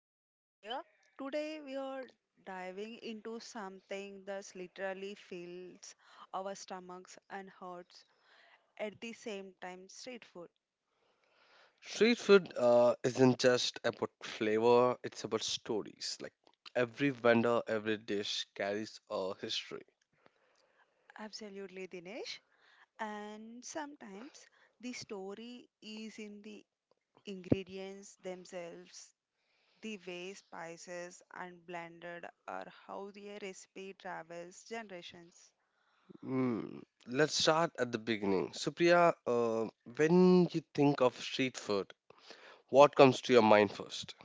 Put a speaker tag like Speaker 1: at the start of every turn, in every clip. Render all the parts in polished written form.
Speaker 1: I'm Supriya. Today we are diving into something that literally fills our stomachs and hearts at the same time street food.
Speaker 2: Street food isn't just about flavor, it's about stories. Like every vendor, every dish carries a history.
Speaker 1: Absolutely, Dinesh. And sometimes the story is in the ingredients themselves, the way spices are blended, or how the recipe travels generations.
Speaker 2: Hmm. Let's start at the beginning. Supriya, when you think of street food, what comes to your mind first?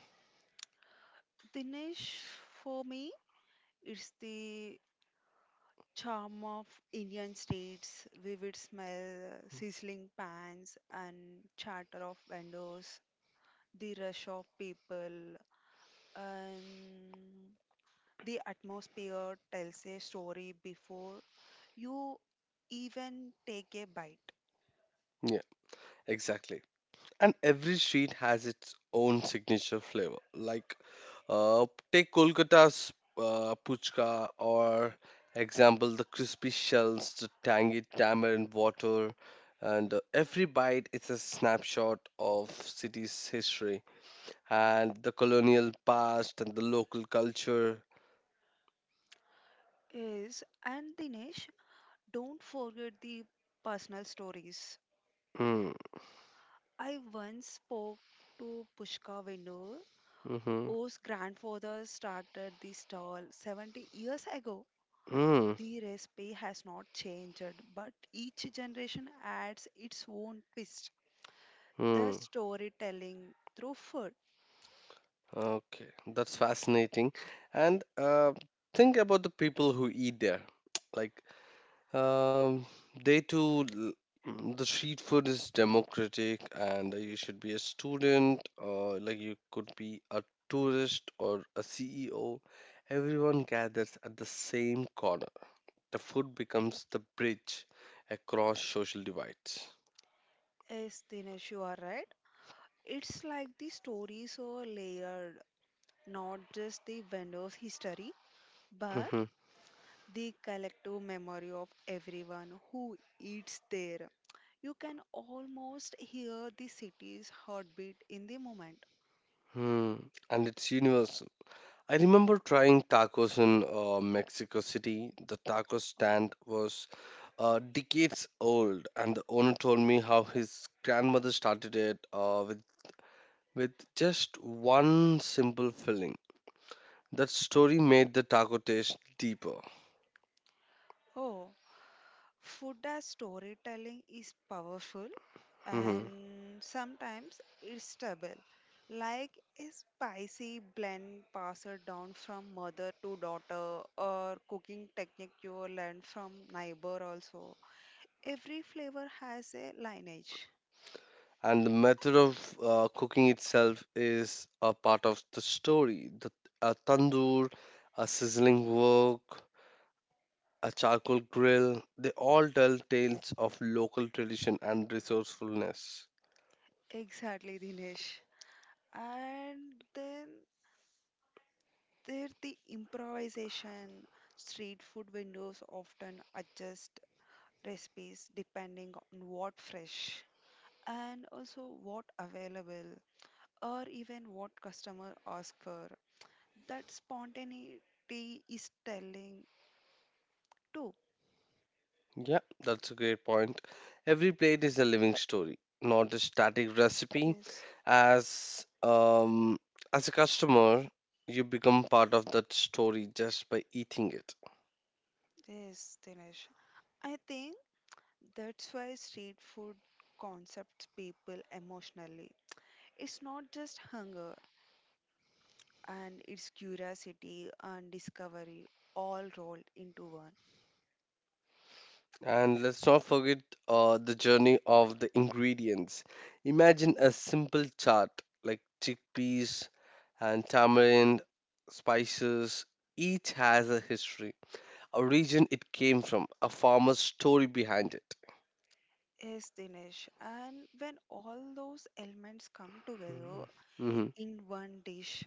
Speaker 1: Dinesh, for me, it's the charm of Indian streets, vivid smell, sizzling pans, and chatter of vendors, the rush of people, and the atmosphere tells a story before you even take a bite.
Speaker 2: Yeah, exactly. And every street has its own signature flavor. Like, uh, take Kolkata's puchka, or example the crispy shells, the tangy tamarind water, and every bite is a snapshot of city's history and the colonial past and the local culture.
Speaker 1: Yes, and Dinesh, don't forget the personal stories.
Speaker 2: Mm,
Speaker 1: I once spoke to Pushka vendor
Speaker 2: mm-hmm,
Speaker 1: whose grandfather started the stall 70 years ago.
Speaker 2: mm,
Speaker 1: The recipe has not changed, but each generation adds its own twist. The
Speaker 2: mm.
Speaker 1: storytelling through food
Speaker 2: Okay, that's fascinating. And think about the people who eat there. Like Um, they too, l- mm, the street food is democratic, and you should be a student, or like you could be a tourist or a CEO. Everyone gathers at the same corner. The food becomes the bridge across social divides.
Speaker 1: is Dinesh, you are right. It's like the stories are layered, not just the vendor's history, but
Speaker 2: Mhm.
Speaker 1: the collective memory of everyone who eats there. You can almost hear the city's heartbeat in the moment.
Speaker 2: hmm And it's universal. I remember trying tacos in Mexico City. The taco
Speaker 1: Oh,
Speaker 2: stand was decades old, and the owner told me how his grandmother started it with just one simple filling. That story made the taco taste deeper.
Speaker 1: oh, food as storytelling is powerful
Speaker 2: Mhm.
Speaker 1: and sometimes it's double. Like a spicy blend passed down from mother to daughter, or cooking technique you learn from neighbor also. Every flavor has a lineage.
Speaker 2: And the method of cooking itself is a part of the story. The A tandoor, a sizzling wok, a charcoal grill. They all tell tales of local tradition and resourcefulness.
Speaker 1: Exactly, Dinesh. And then there the improvisation. Street food windows often adjust recipes depending on what fresh and also what available or even what customer ask for. That spontaneity is telling too.
Speaker 2: Yeah, that's a great point. Every plate is a living story, not a static recipe.
Speaker 1: Yes,
Speaker 2: As um, as a customer, you become part of that story just by eating it.
Speaker 1: yes, Dinesh. I think that's why street food concepts people emotionally. It's not just hunger and it's curiosity and discovery all rolled into one.
Speaker 2: And let's not forget the journey of the ingredients. Imagine a simple chart like chickpeas and tamarind, spices. Each has a history, a region it came from, a farmer's story behind it.
Speaker 1: Yes, Dinesh. And when all those elements come together,
Speaker 2: Mhm.
Speaker 1: in one dish.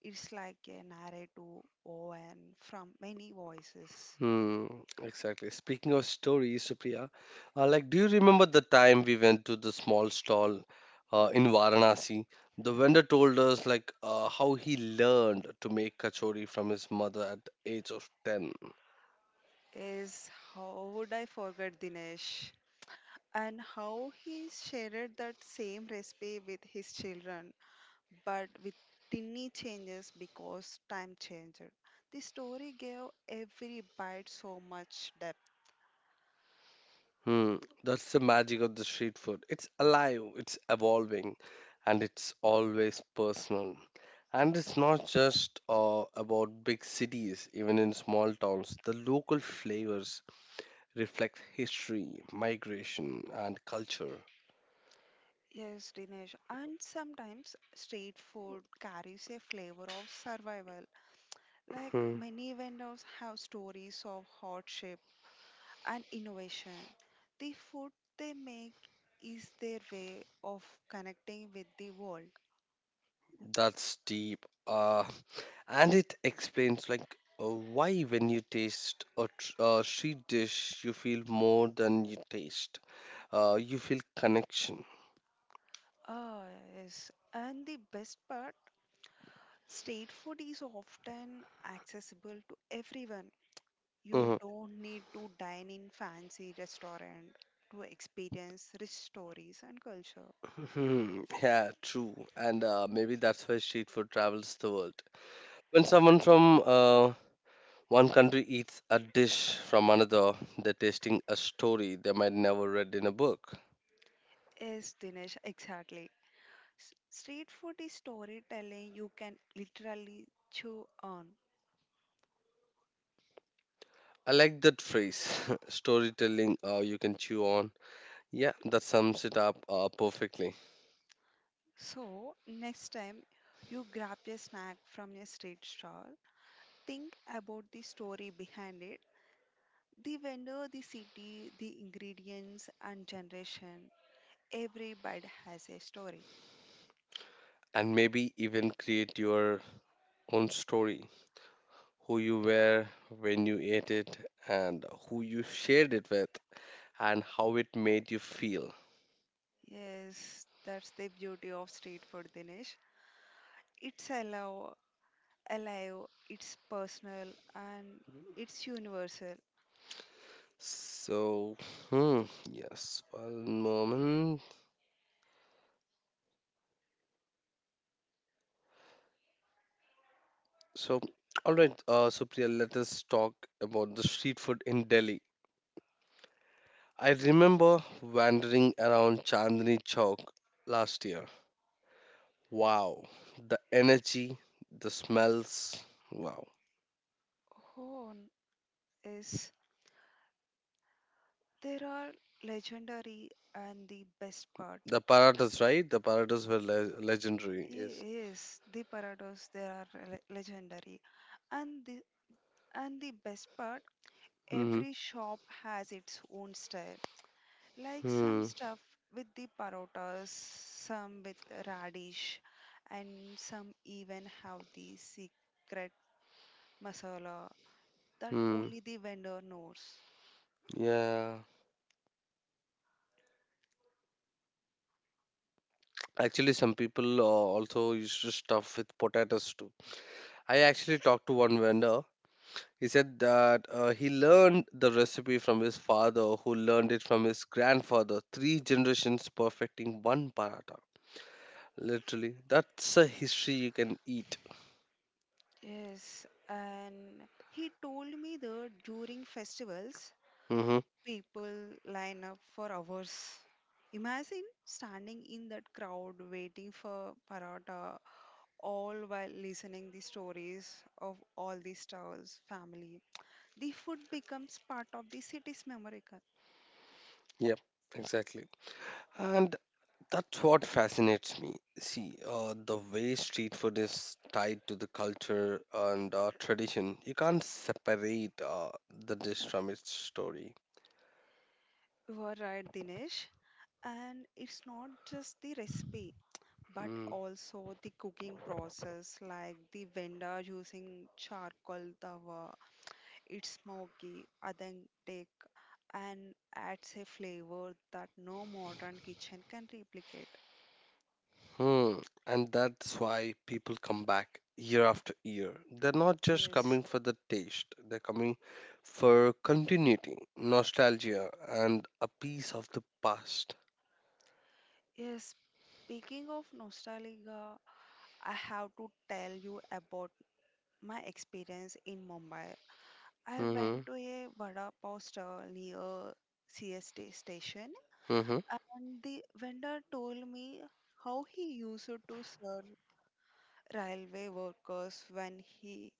Speaker 1: It's like a narrative woven from many voices.
Speaker 2: Hmm, exactly. Speaking of stories, Supriya, like, do you remember the time we went to the small stall in Varanasi? The vendor told us like how he learned to make kachori from his mother at the age of 10.
Speaker 1: Is how would I forget, Dinesh? And how he shared that same recipe with his children, but with tiny changes because time changed. The story gave every bite so much depth.
Speaker 2: Hmm, that's the magic of the street food. It's alive, it's evolving, and it's always personal. And it's not just about big cities, even in small towns, the local flavors reflects history, migration, and culture.
Speaker 1: Yes, Dinesh. And sometimes street food carries a flavor of survival. Like
Speaker 2: Hmm,
Speaker 1: many vendors have stories of hardship and innovation. The food they make is their way of connecting with the world.
Speaker 2: that's deep. And it explains like why when you taste a, a street dish, you feel more than you taste. You feel connection.
Speaker 1: Ah, yes. And the best part, street food is often accessible to everyone. You
Speaker 2: Mhm.
Speaker 1: don't need to dine in fancy restaurant to experience rich stories and culture.
Speaker 2: Hmm, yeah, true. And maybe that's why street food travels the world. When someone from one country eats a dish from another, they're tasting a story they might never read in a book.
Speaker 1: Yes, Dinesh, exactly. Street food is storytelling you can literally chew on.
Speaker 2: I like that phrase, storytelling you can chew on. Yeah, that sums it up perfectly.
Speaker 1: So, next time you grab a snack from a street stall, think about the story behind it the vendor, the city, the ingredients, and generation. Every bite has a story.
Speaker 2: And maybe even create your own story, who you were when you ate it, and who you shared it with, and how it made you feel.
Speaker 1: Yes, that's the beauty of street food, Dinesh. It's alive, alive, it's personal, and it's universal.
Speaker 2: So, hmm, yes, one moment. So, all right, Supriya, let us talk about the street food in Delhi. I remember wandering around Chandni Chowk last year. Wow, the energy, the smells. Wow,
Speaker 1: Home is there are legendary and the best part.
Speaker 2: the paratas, right? The paratas were legendary. Yes.
Speaker 1: Yes, the parados they are legendary, and the and the best part,
Speaker 2: Mm-hmm.
Speaker 1: every shop has its own style. Like some
Speaker 2: Hmm.
Speaker 1: stuff with the parotas, some with radish, and some even have the secret masala that
Speaker 2: Hmm.
Speaker 1: only the vendor knows.
Speaker 2: Yeah. Actually, some people also used to stuff with potatoes too. I actually talked to one vendor. He said that he learned the recipe from his father, who learned it from his grandfather, three generations perfecting one paratha. Literally, that's a history you can eat.
Speaker 1: Yes, and he told me that during festivals,
Speaker 2: Mm-hmm.
Speaker 1: people line up for hours. Imagine standing in that crowd waiting for paratha, all while listening the stories of all the stars' family. The food becomes part of the city's memory. Card.
Speaker 2: Yep, exactly. And that's what fascinates me. See, the way street food is tied to the culture and tradition, you can't separate the dish from its story.
Speaker 1: You are right, Dinesh. And it's not just the recipe, but
Speaker 2: Hmm.
Speaker 1: also the cooking process, like the vendor using charcoal tawa. It's smoky, authentic, and adds a flavor that no modern kitchen can replicate.
Speaker 2: Hmm. And that's why people come back year after year. They're not just
Speaker 1: Yes.
Speaker 2: coming for the taste, they're coming for continuity, nostalgia, and a piece of the past.
Speaker 1: Yes. Speaking of nostalgia, I have to tell you about my experience in Mumbai. I
Speaker 2: Mm-hmm.
Speaker 1: went to a vada pav stall near CST station,
Speaker 2: Mm-hmm.
Speaker 1: and the vendor told me how he used to serve railway workers when he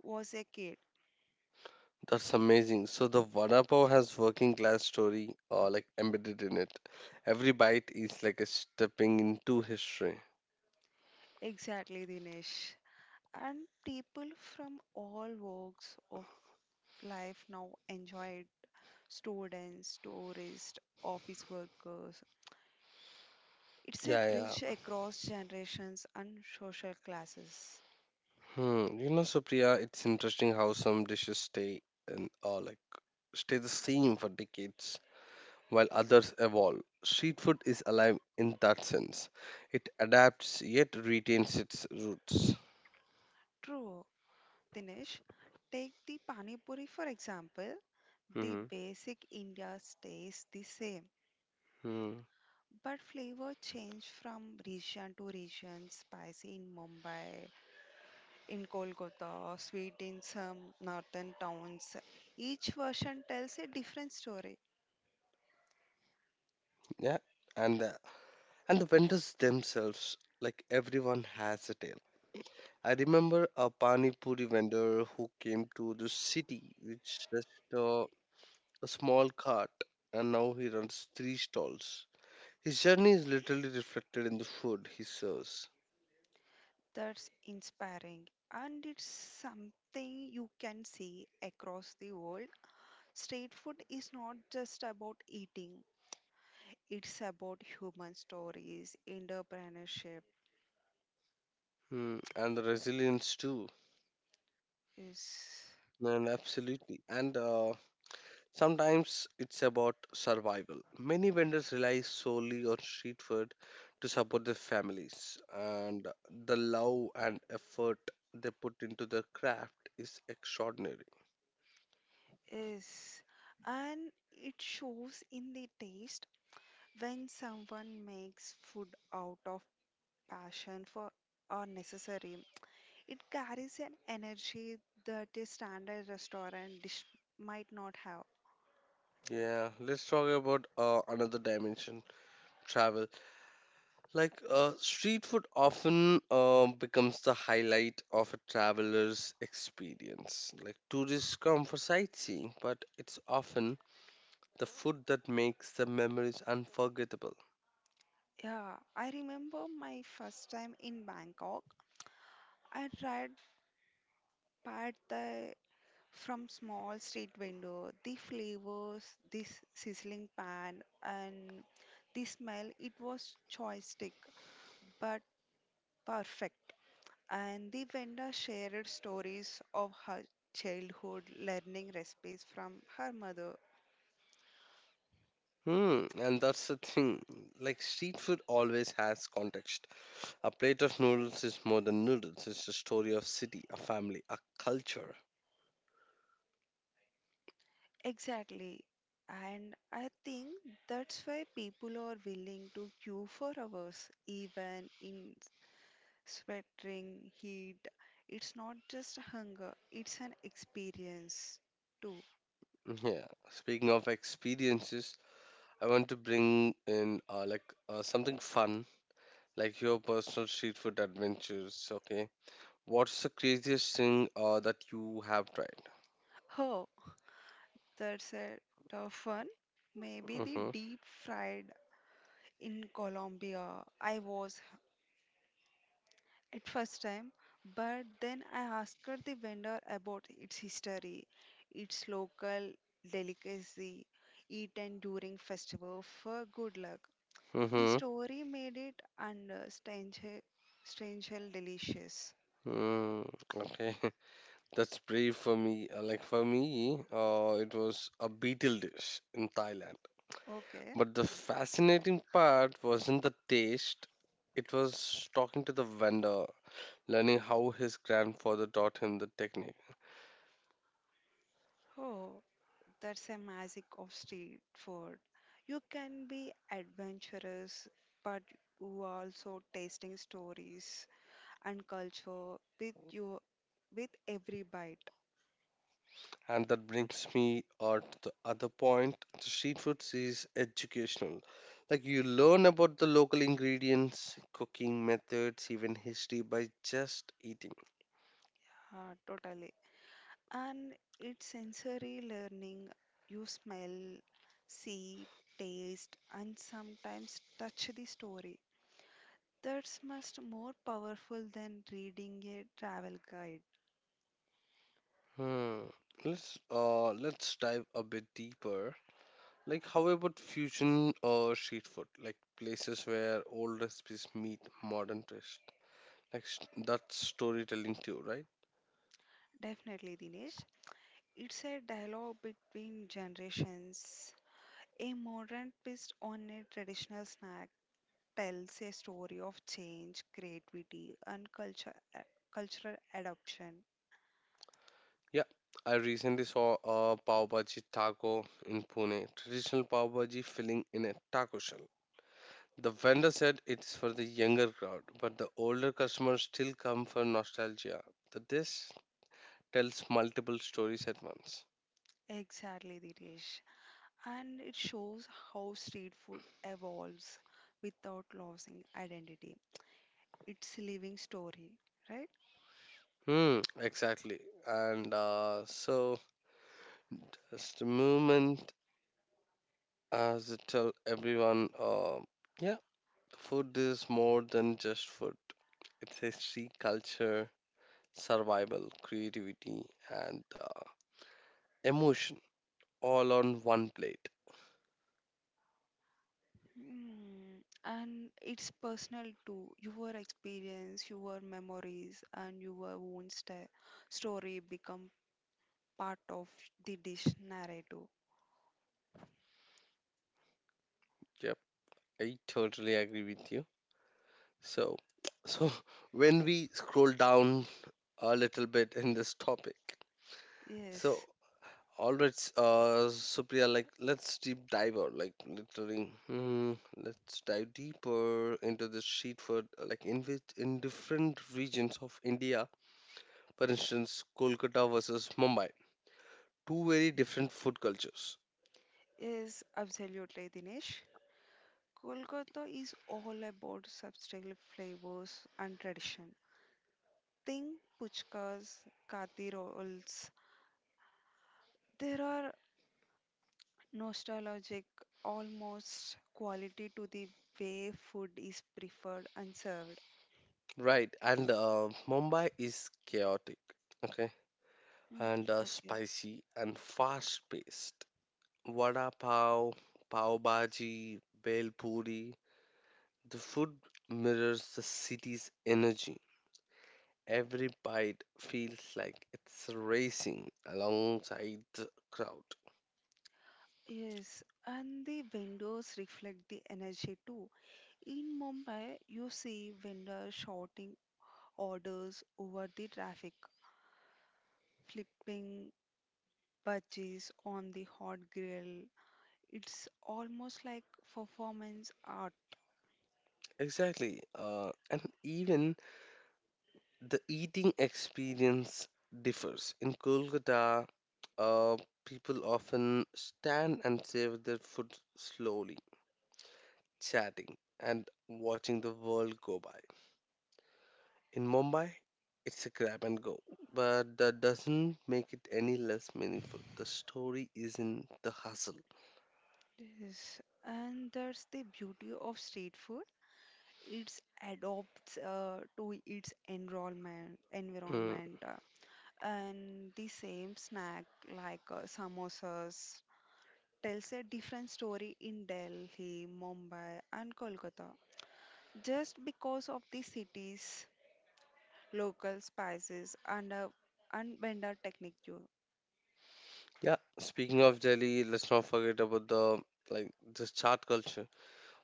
Speaker 1: was a kid.
Speaker 2: That's amazing. So the vada pav has working class story like embedded in it. Every bite is like a stepping into history.
Speaker 1: Exactly, Dinesh. And people from all walks of life now enjoy it students, tourists, office workers. It's a
Speaker 2: Yeah,
Speaker 1: bridge
Speaker 2: yeah.
Speaker 1: across generations and social classes.
Speaker 2: Hmm. You know, Supriya, it's interesting how some dishes stay and or like stay the same for decades while others evolve. Street food is alive in that sense. It adapts yet retains its roots.
Speaker 1: True, Dinesh. Take the Pani Puri for example. The
Speaker 2: hmm
Speaker 1: basic India stays the same,
Speaker 2: Hmm.
Speaker 1: but flavor change from region to region. Spicy in Mumbai, in Kolkata, or sweet in some northern towns. Each version tells a different story.
Speaker 2: Yeah. And the, and the vendors themselves, like everyone has a tale. I remember a pani puri vendor who came to the city with just uh, a small cart and now he runs three stalls. His journey is literally reflected in the food he serves.
Speaker 1: That's inspiring and it's something you can see across the world. Street food is not just about eating, it's about human stories, entrepreneurship
Speaker 2: Hmm, and the resilience too.
Speaker 1: is
Speaker 2: And absolutely. And sometimes it's about survival. Many vendors rely solely on street food to support their families, and the love and effort they put into their craft is extraordinary.
Speaker 1: is and it shows in the taste when someone makes food out of passion for or necessary. It carries an energy that a standard restaurant dish might not have.
Speaker 2: Yeah, let's talk about another dimension, travel. Like, street food often becomes the highlight of a traveler's experience. Like, tourists come for sightseeing, but it's often the food that makes the memories unforgettable.
Speaker 1: Yeah, I remember my first time in Bangkok. I tried pad thai from small street window. The flavors, this sizzling pan, and the smell. It was choistick, but perfect. And the vendor shared stories of her childhood, learning recipes from her mother.
Speaker 2: Hmm, and that's the thing. Like, street food always has context. A plate of noodles is more than noodles, it's a story of city, a family, a culture.
Speaker 1: Exactly. And I think that's why people are willing to queue for hours, even in sweltering heat. It's not just hunger, it's an experience too.
Speaker 2: Yeah, speaking of experiences, I want to bring in something fun, like your personal street food adventures. Okay, what's the craziest thing that you have tried?
Speaker 1: Oh, that's a tough one. Maybe the
Speaker 2: Mm-hmm.
Speaker 1: deep fried in Colombia. I was at first time, but then I asked her the vendor about its history, its local delicacy eaten during festival for good luck. The
Speaker 2: Mm-hmm.
Speaker 1: story made it and strange, strange, delicious.
Speaker 2: Mm, okay, that's brave for me. For me, it was a beetle dish in Thailand.
Speaker 1: Okay,
Speaker 2: But the fascinating part wasn't the taste. It was talking to the vendor, learning how his grandfather taught him the technique.
Speaker 1: oh, that's a magic of street food. You can be adventurous, but you are also tasting stories and culture with you with every bite.
Speaker 2: And that brings me to the other point. The street food is educational. Like you learn about the local ingredients, cooking methods, even history by just eating.
Speaker 1: Totally. And it's sensory learning. You smell, see, taste, and sometimes touch the story. That's much more powerful than reading a travel guide.
Speaker 2: Hmm. Let's dive a bit deeper. Like how about fusion or street food? Like places where old recipes meet modern taste. Like s- that's storytelling too, right?
Speaker 1: Definitely, Dinesh. It's a dialogue between generations. A modern twist on a traditional snack tells a story of change, creativity, and culture, cultural adoption.
Speaker 2: Yeah, I recently saw a pav bhaji taco in Pune, traditional pav bhaji filling in a taco shell. The vendor said it's for the younger crowd, but the older customers still come for nostalgia. The dish tells multiple stories at once.
Speaker 1: Exactly, Dinesh. And it shows how street food evolves without losing identity. It's a living story, right?
Speaker 2: Hmm, exactly. And so it's the movement as it tell everyone, yeah, food is more than just food. It's history, culture, survival, creativity, and emotion all on one plate.
Speaker 1: Mm, and it's personal too. Your experience, your memories, and your own sta story become part of the dish narrative.
Speaker 2: Yep, I totally agree with you. So, so when we scroll down a little bit in this topic,
Speaker 1: Yes,
Speaker 2: so all right, Supriya, like let's deep dive out, like literally, let's dive deeper into the street food, like in different regions of India, for instance, Kolkata versus Mumbai, two very different food cultures,
Speaker 1: yes, absolutely, Dinesh. Kolkata is all about substantial flavors and tradition. Think puchkas, kati rolls, there are nostalgic, almost quality to the way food is preferred and served.
Speaker 2: right? And Mumbai is chaotic. Okay.
Speaker 1: Mm,
Speaker 2: And are
Speaker 1: okay.
Speaker 2: spicy and fast paced. Vada pav, pav bhaji, bel puri. The food mirrors the city's energy. Every bite feels like it's racing alongside the crowd.
Speaker 1: Yes, and the windows reflect the energy too. In Mumbai, you see vendors shouting orders over the traffic, flipping budgies on the hot grill. It's almost like performance art.
Speaker 2: Exactly. And even the eating experience differs. In Kolkata, uh, people often stand and savor their food slowly, chatting, and watching the world go by. In Mumbai, it's a grab and go, but that doesn't make it any less meaningful. The story is in the hustle.
Speaker 1: Yes, and that's the beauty of street food. It adopts to its enrollment
Speaker 2: Mm.
Speaker 1: environment, and the same snack like samosas tells a different story in Delhi, Mumbai and Kolkata, just because of the city's local spices and vendor technique too.
Speaker 2: Yeah, speaking of Delhi, let's not forget about the like the chaat culture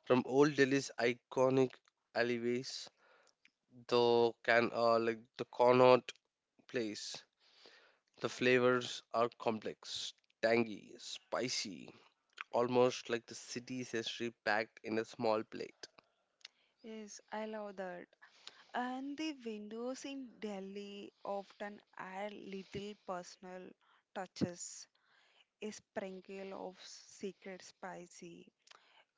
Speaker 2: from old Delhi's iconic alleyways, the can like the Connaught Place. The flavors are complex, tangy, spicy, almost like the city's history packed in a small plate.
Speaker 1: Yes, I love that. And the windows in Delhi often add little personal touches, a sprinkle of secret spicy,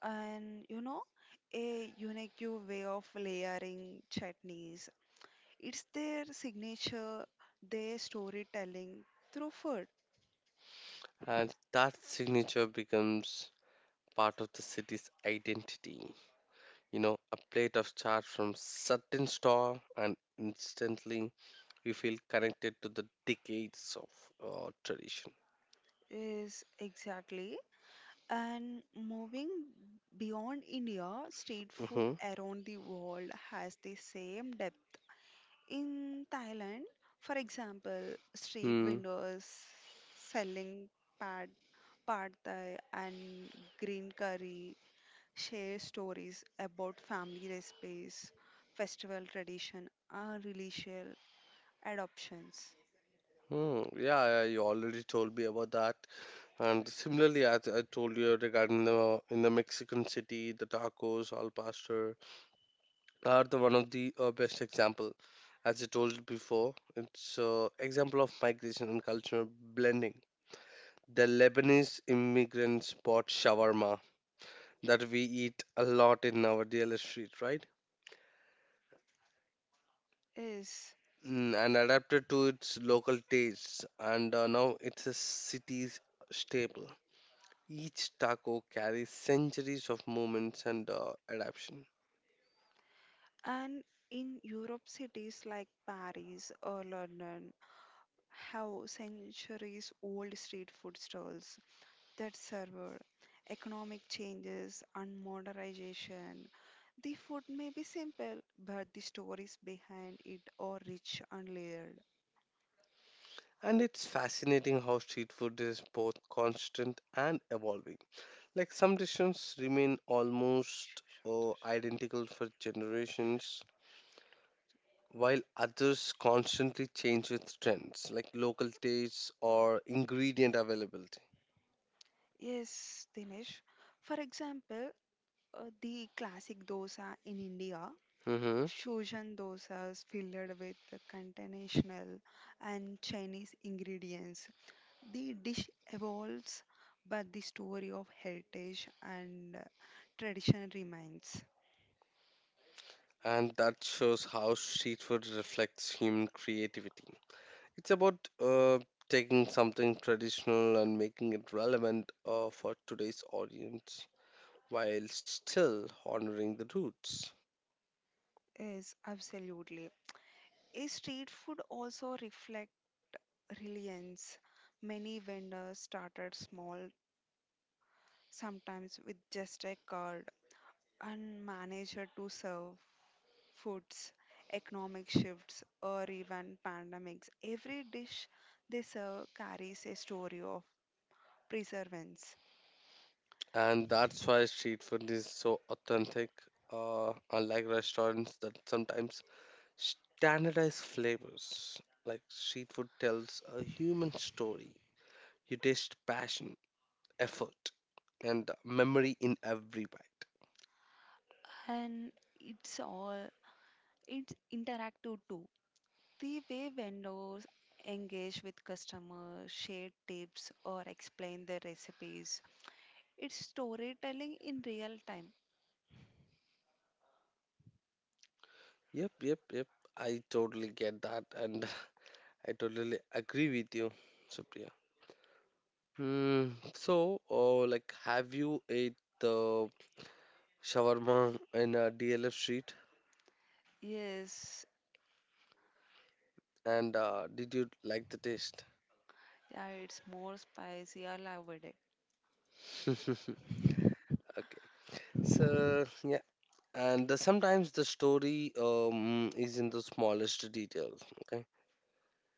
Speaker 1: and you know, a unique way of layering chutneys. It's their signature, their storytelling through food
Speaker 2: And that signature becomes part of the city's identity. You know, a plate of chaat from certain store, and instantly you feel connected to the decades of tradition.
Speaker 1: is exactly. And moving beyond India, street food
Speaker 2: hmm
Speaker 1: around the world has the same depth. In Thailand, for example, street
Speaker 2: Hmm.
Speaker 1: vendors selling pad, pad thai and green curry share stories about family recipes, festival tradition, and religious adoptions.
Speaker 2: Hmm. Yeah, yeah, you already told me about that. And similarly, as I told you regarding the in the Mexican city, the tacos, al pastor, are the one of the best example. As I told before, it's example of migration and cultural blending. The Lebanese immigrants bought shawarma that we eat a lot in our daily street, right?
Speaker 1: Yes,
Speaker 2: Mm, and adapted to its local tastes, and now it's a city's staple. Each taco carries centuries of moments and adaptation.
Speaker 1: and in Europe, cities like Paris or London have centuries old street food stalls that serve economic changes and modernization. The food may be simple, but the stories behind it are rich and layered.
Speaker 2: And it's fascinating how street food is both constant and evolving. Like some decisions remain almost identical for generations, while others constantly change with trends, like local tastes or ingredient availability.
Speaker 1: Yes, Dinesh. For example, the classic dosa in India,
Speaker 2: hmm
Speaker 1: fusion dosas filled with continental and Chinese ingredients. The dish evolves, but the story of heritage and tradition remains.
Speaker 2: And that shows how street food reflects human creativity. It's about taking something traditional and making it relevant for today's audience while still honoring the roots.
Speaker 1: Yes, absolutely. A street food also reflect reliance. Many vendors started small, sometimes with just a card, and managed to serve foods, economic shifts, or even pandemics. Every dish they serve carries a story of perseverance.
Speaker 2: And that's why street food is so authentic, unlike restaurants that sometimes standardize flavors. Like street food tells a human story. You taste passion, effort, and memory in every bite.
Speaker 1: And it's all it's interactive too. The way vendors engage with customers, share tips, or explain their recipes. It's storytelling in real time.
Speaker 2: Yep, I totally get that, and I totally agree with you, Supriya. Hmm. Like have you ate the shawarma in a dlf street?
Speaker 1: Yes,
Speaker 2: And did you like the taste?
Speaker 1: yeah, it's more spicy. I love it.
Speaker 2: Okay, so yeah. And sometimes the story is in the smallest details. Okay.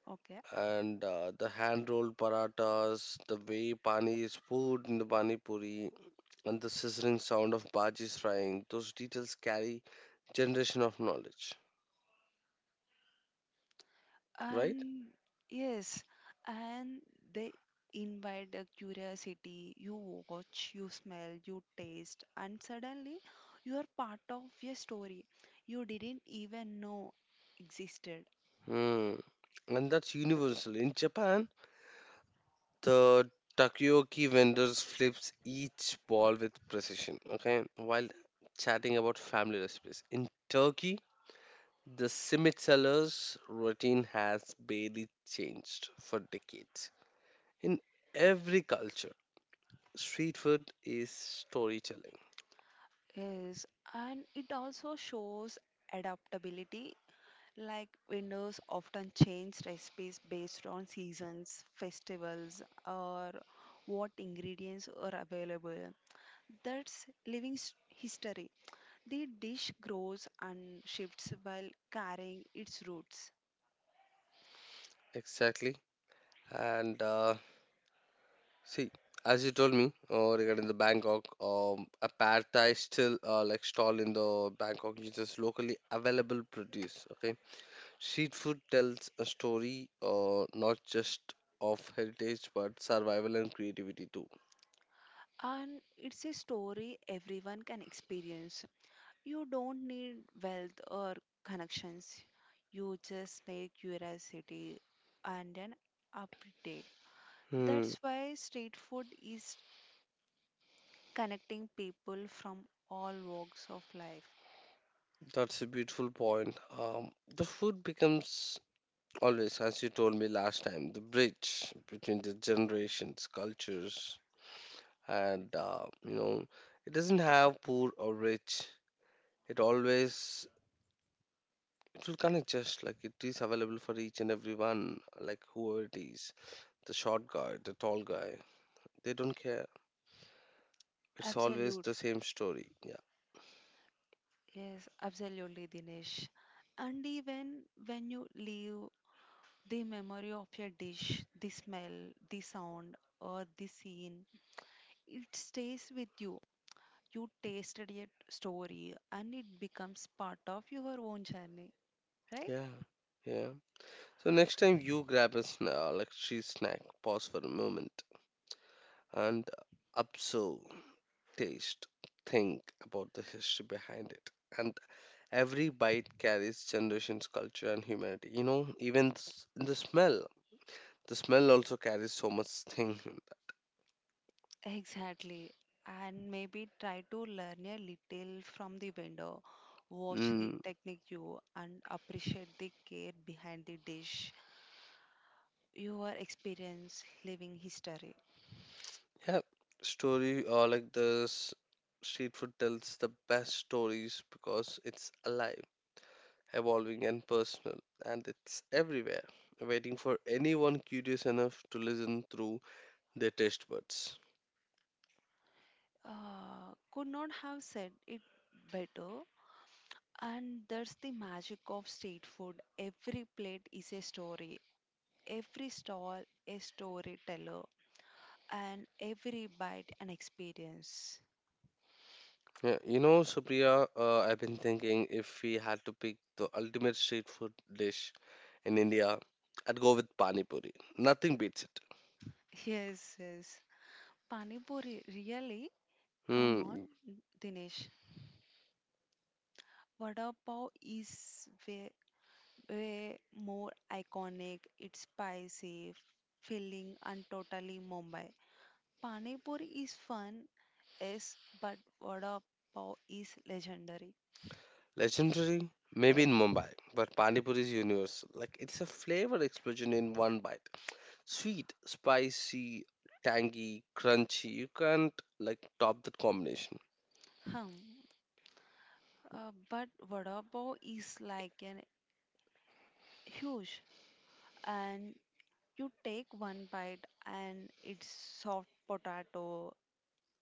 Speaker 1: Okay.
Speaker 2: And the hand rolled paratas, the way pani is poured in the pani puri, and the sizzling sound of bhaji frying, those details carry generation of knowledge, right?
Speaker 1: And yes, and they invite a curiosity. You watch, you smell, you taste, and suddenly you are part of a story you didn't even know existed.
Speaker 2: Hmm. And that's universal. In japan the takoyaki vendors flips each ball with precision. Okay, while chatting about family recipes in turkey. The cement sellers routine has barely changed for decades. In every culture, street food is storytelling.
Speaker 1: Yes, and it also shows adaptability. Like vendors often change recipes based on seasons, festivals, or what ingredients are available. That's living history. The dish grows and shifts while carrying its roots.
Speaker 2: Exactly. And see, as you told me regarding the Bangkok, a pad thai still like stall in the Bangkok uses locally available produce. Okay, street food tells a story, not just of heritage but survival and creativity too.
Speaker 1: And it's a story everyone can experience. You don't need wealth or connections. You just need curiosity and an update.
Speaker 2: Hmm.
Speaker 1: That's why street food is connecting people from all walks of life.
Speaker 2: That's a beautiful point. The food becomes always, as you told me last time, the bridge between the generations, cultures, and it doesn't have poor or rich. It always, it will connect just like it is available for each and everyone, like whoever it is, the short guy, the tall guy. They don't care. It's always the
Speaker 1: Absolute.
Speaker 2: same story. Yeah,
Speaker 1: Yes, absolutely, Dinesh. And even when you leave the memory of a dish, the smell, the sound, or the scene, it stays with you. You tasted a story and it becomes part of your own journey, right?
Speaker 2: yeah, yeah. So next time you grab a like street snack, pause for a moment and absorb taste, think about the history behind it. And every bite carries generations, culture, and humanity. You know, even the smell. The smell also carries so much thing in that.
Speaker 1: Exactly. And maybe try to learn a little from the vendor, watch the
Speaker 2: Mm,
Speaker 1: technique you and appreciate the care behind the dish, your experience living history.
Speaker 2: yeah, story or like this street food tells the best stories because it's alive, evolving, and personal, and it's everywhere, waiting for anyone curious enough to listen through their taste buds.
Speaker 1: Could not have said it better. And that's the magic of street food. Every plate is a story, every stall a storyteller, and every bite an experience.
Speaker 2: Yeah, you know, Supriya, I've been thinking, if we had to pick the ultimate street food dish in India, I'd go with Pani Puri. Nothing beats it.
Speaker 1: Yes, yes. Pani puri, really? Come on,
Speaker 2: Hmm,
Speaker 1: Dinesh. Vada pav is way more iconic. It's spicy, filling, and totally Mumbai. Pani puri is fun, yes, but vada pav is legendary.
Speaker 2: legendary? Maybe in Mumbai, but Pani Puri is universal. Like, it's a flavor explosion in one bite. Sweet, spicy, tangy, crunchy. You can't, like, top that combination.
Speaker 1: Hmm. But vada pav is like an huge, and you take one bite, and it's soft potato,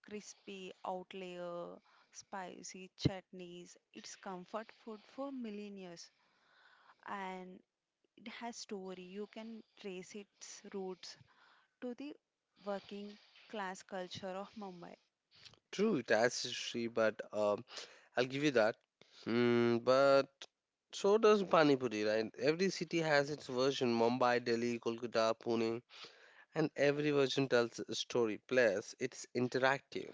Speaker 1: crispy out layer, spicy chutneys. It's comfort food for millennials, and it has story. You can trace its roots to the working class culture of Mumbai.
Speaker 2: True, it has history, but I'll give you that. Mm, but so does Pani Puri, right? Every city has its version, Mumbai, Delhi, Kolkata, Pune, and every version tells a story. Plus, it's interactive.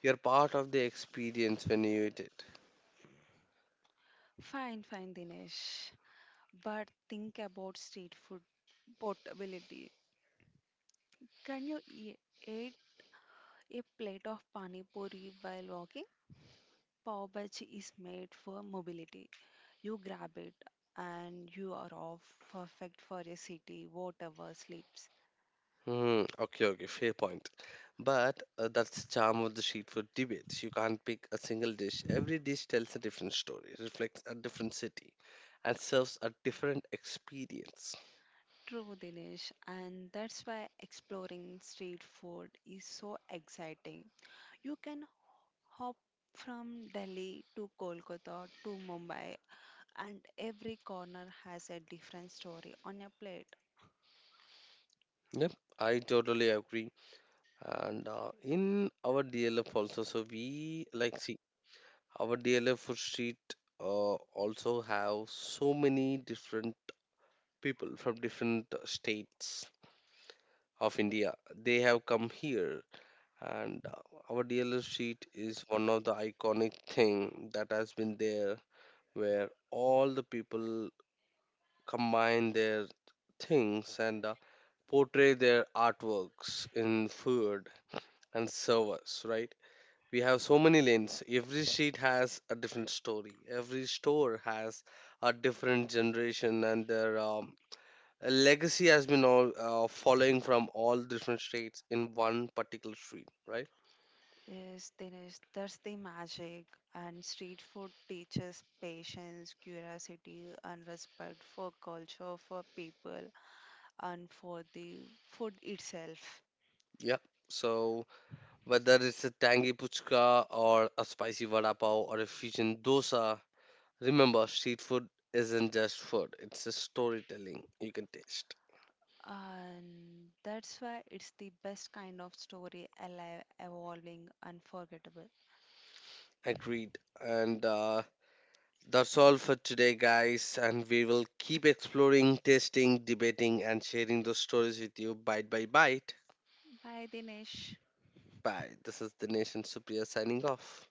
Speaker 2: You're part of the experience when you eat it.
Speaker 1: Fine, Dinesh. But think about street food portability. Can you eat a plate of pani puri while walking. Pav bhaji is made for mobility. You grab it and you are off, perfect for a city, whatever sleeps.
Speaker 2: Hmm, okay, okay, fair point. But that's the charm of the street food debates. You can't pick a single dish. Every dish tells a different story, reflects a different city, and serves a different experience.
Speaker 1: True, Dinesh, and that's why exploring street food is so exciting. You can hop from Delhi to Kolkata to Mumbai, and every corner has a different story on your plate.
Speaker 2: Yep, I totally agree. And in our DLF also. So we like see our DLF food street also have so many different people from different states of India. They have come here, and our DLF street is one of the iconic thing that has been there, where all the people combine their things and portray their artworks in food and service, right? We have so many lanes. Every street has a different story, every store has a different generation, and their a legacy has been all following from all different states in one particular street, right?
Speaker 1: Yes, Dinesh, that's the magic. And street food teaches patience, curiosity, and respect for culture, for people, and for the food itself.
Speaker 2: Yeah, so whether it's a tangy puchka or a spicy vada pav or a fusion dosa, remember, street food isn't just food, it's a storytelling you can taste.
Speaker 1: And that's why it's the best kind of story alive, evolving, unforgettable.
Speaker 2: Agreed. And that's all for today, guys, and we will keep exploring, testing, debating, and sharing those stories with you bite by bite.
Speaker 1: Bye, Dinesh.
Speaker 2: Bye. This is the Nation Supriya signing off.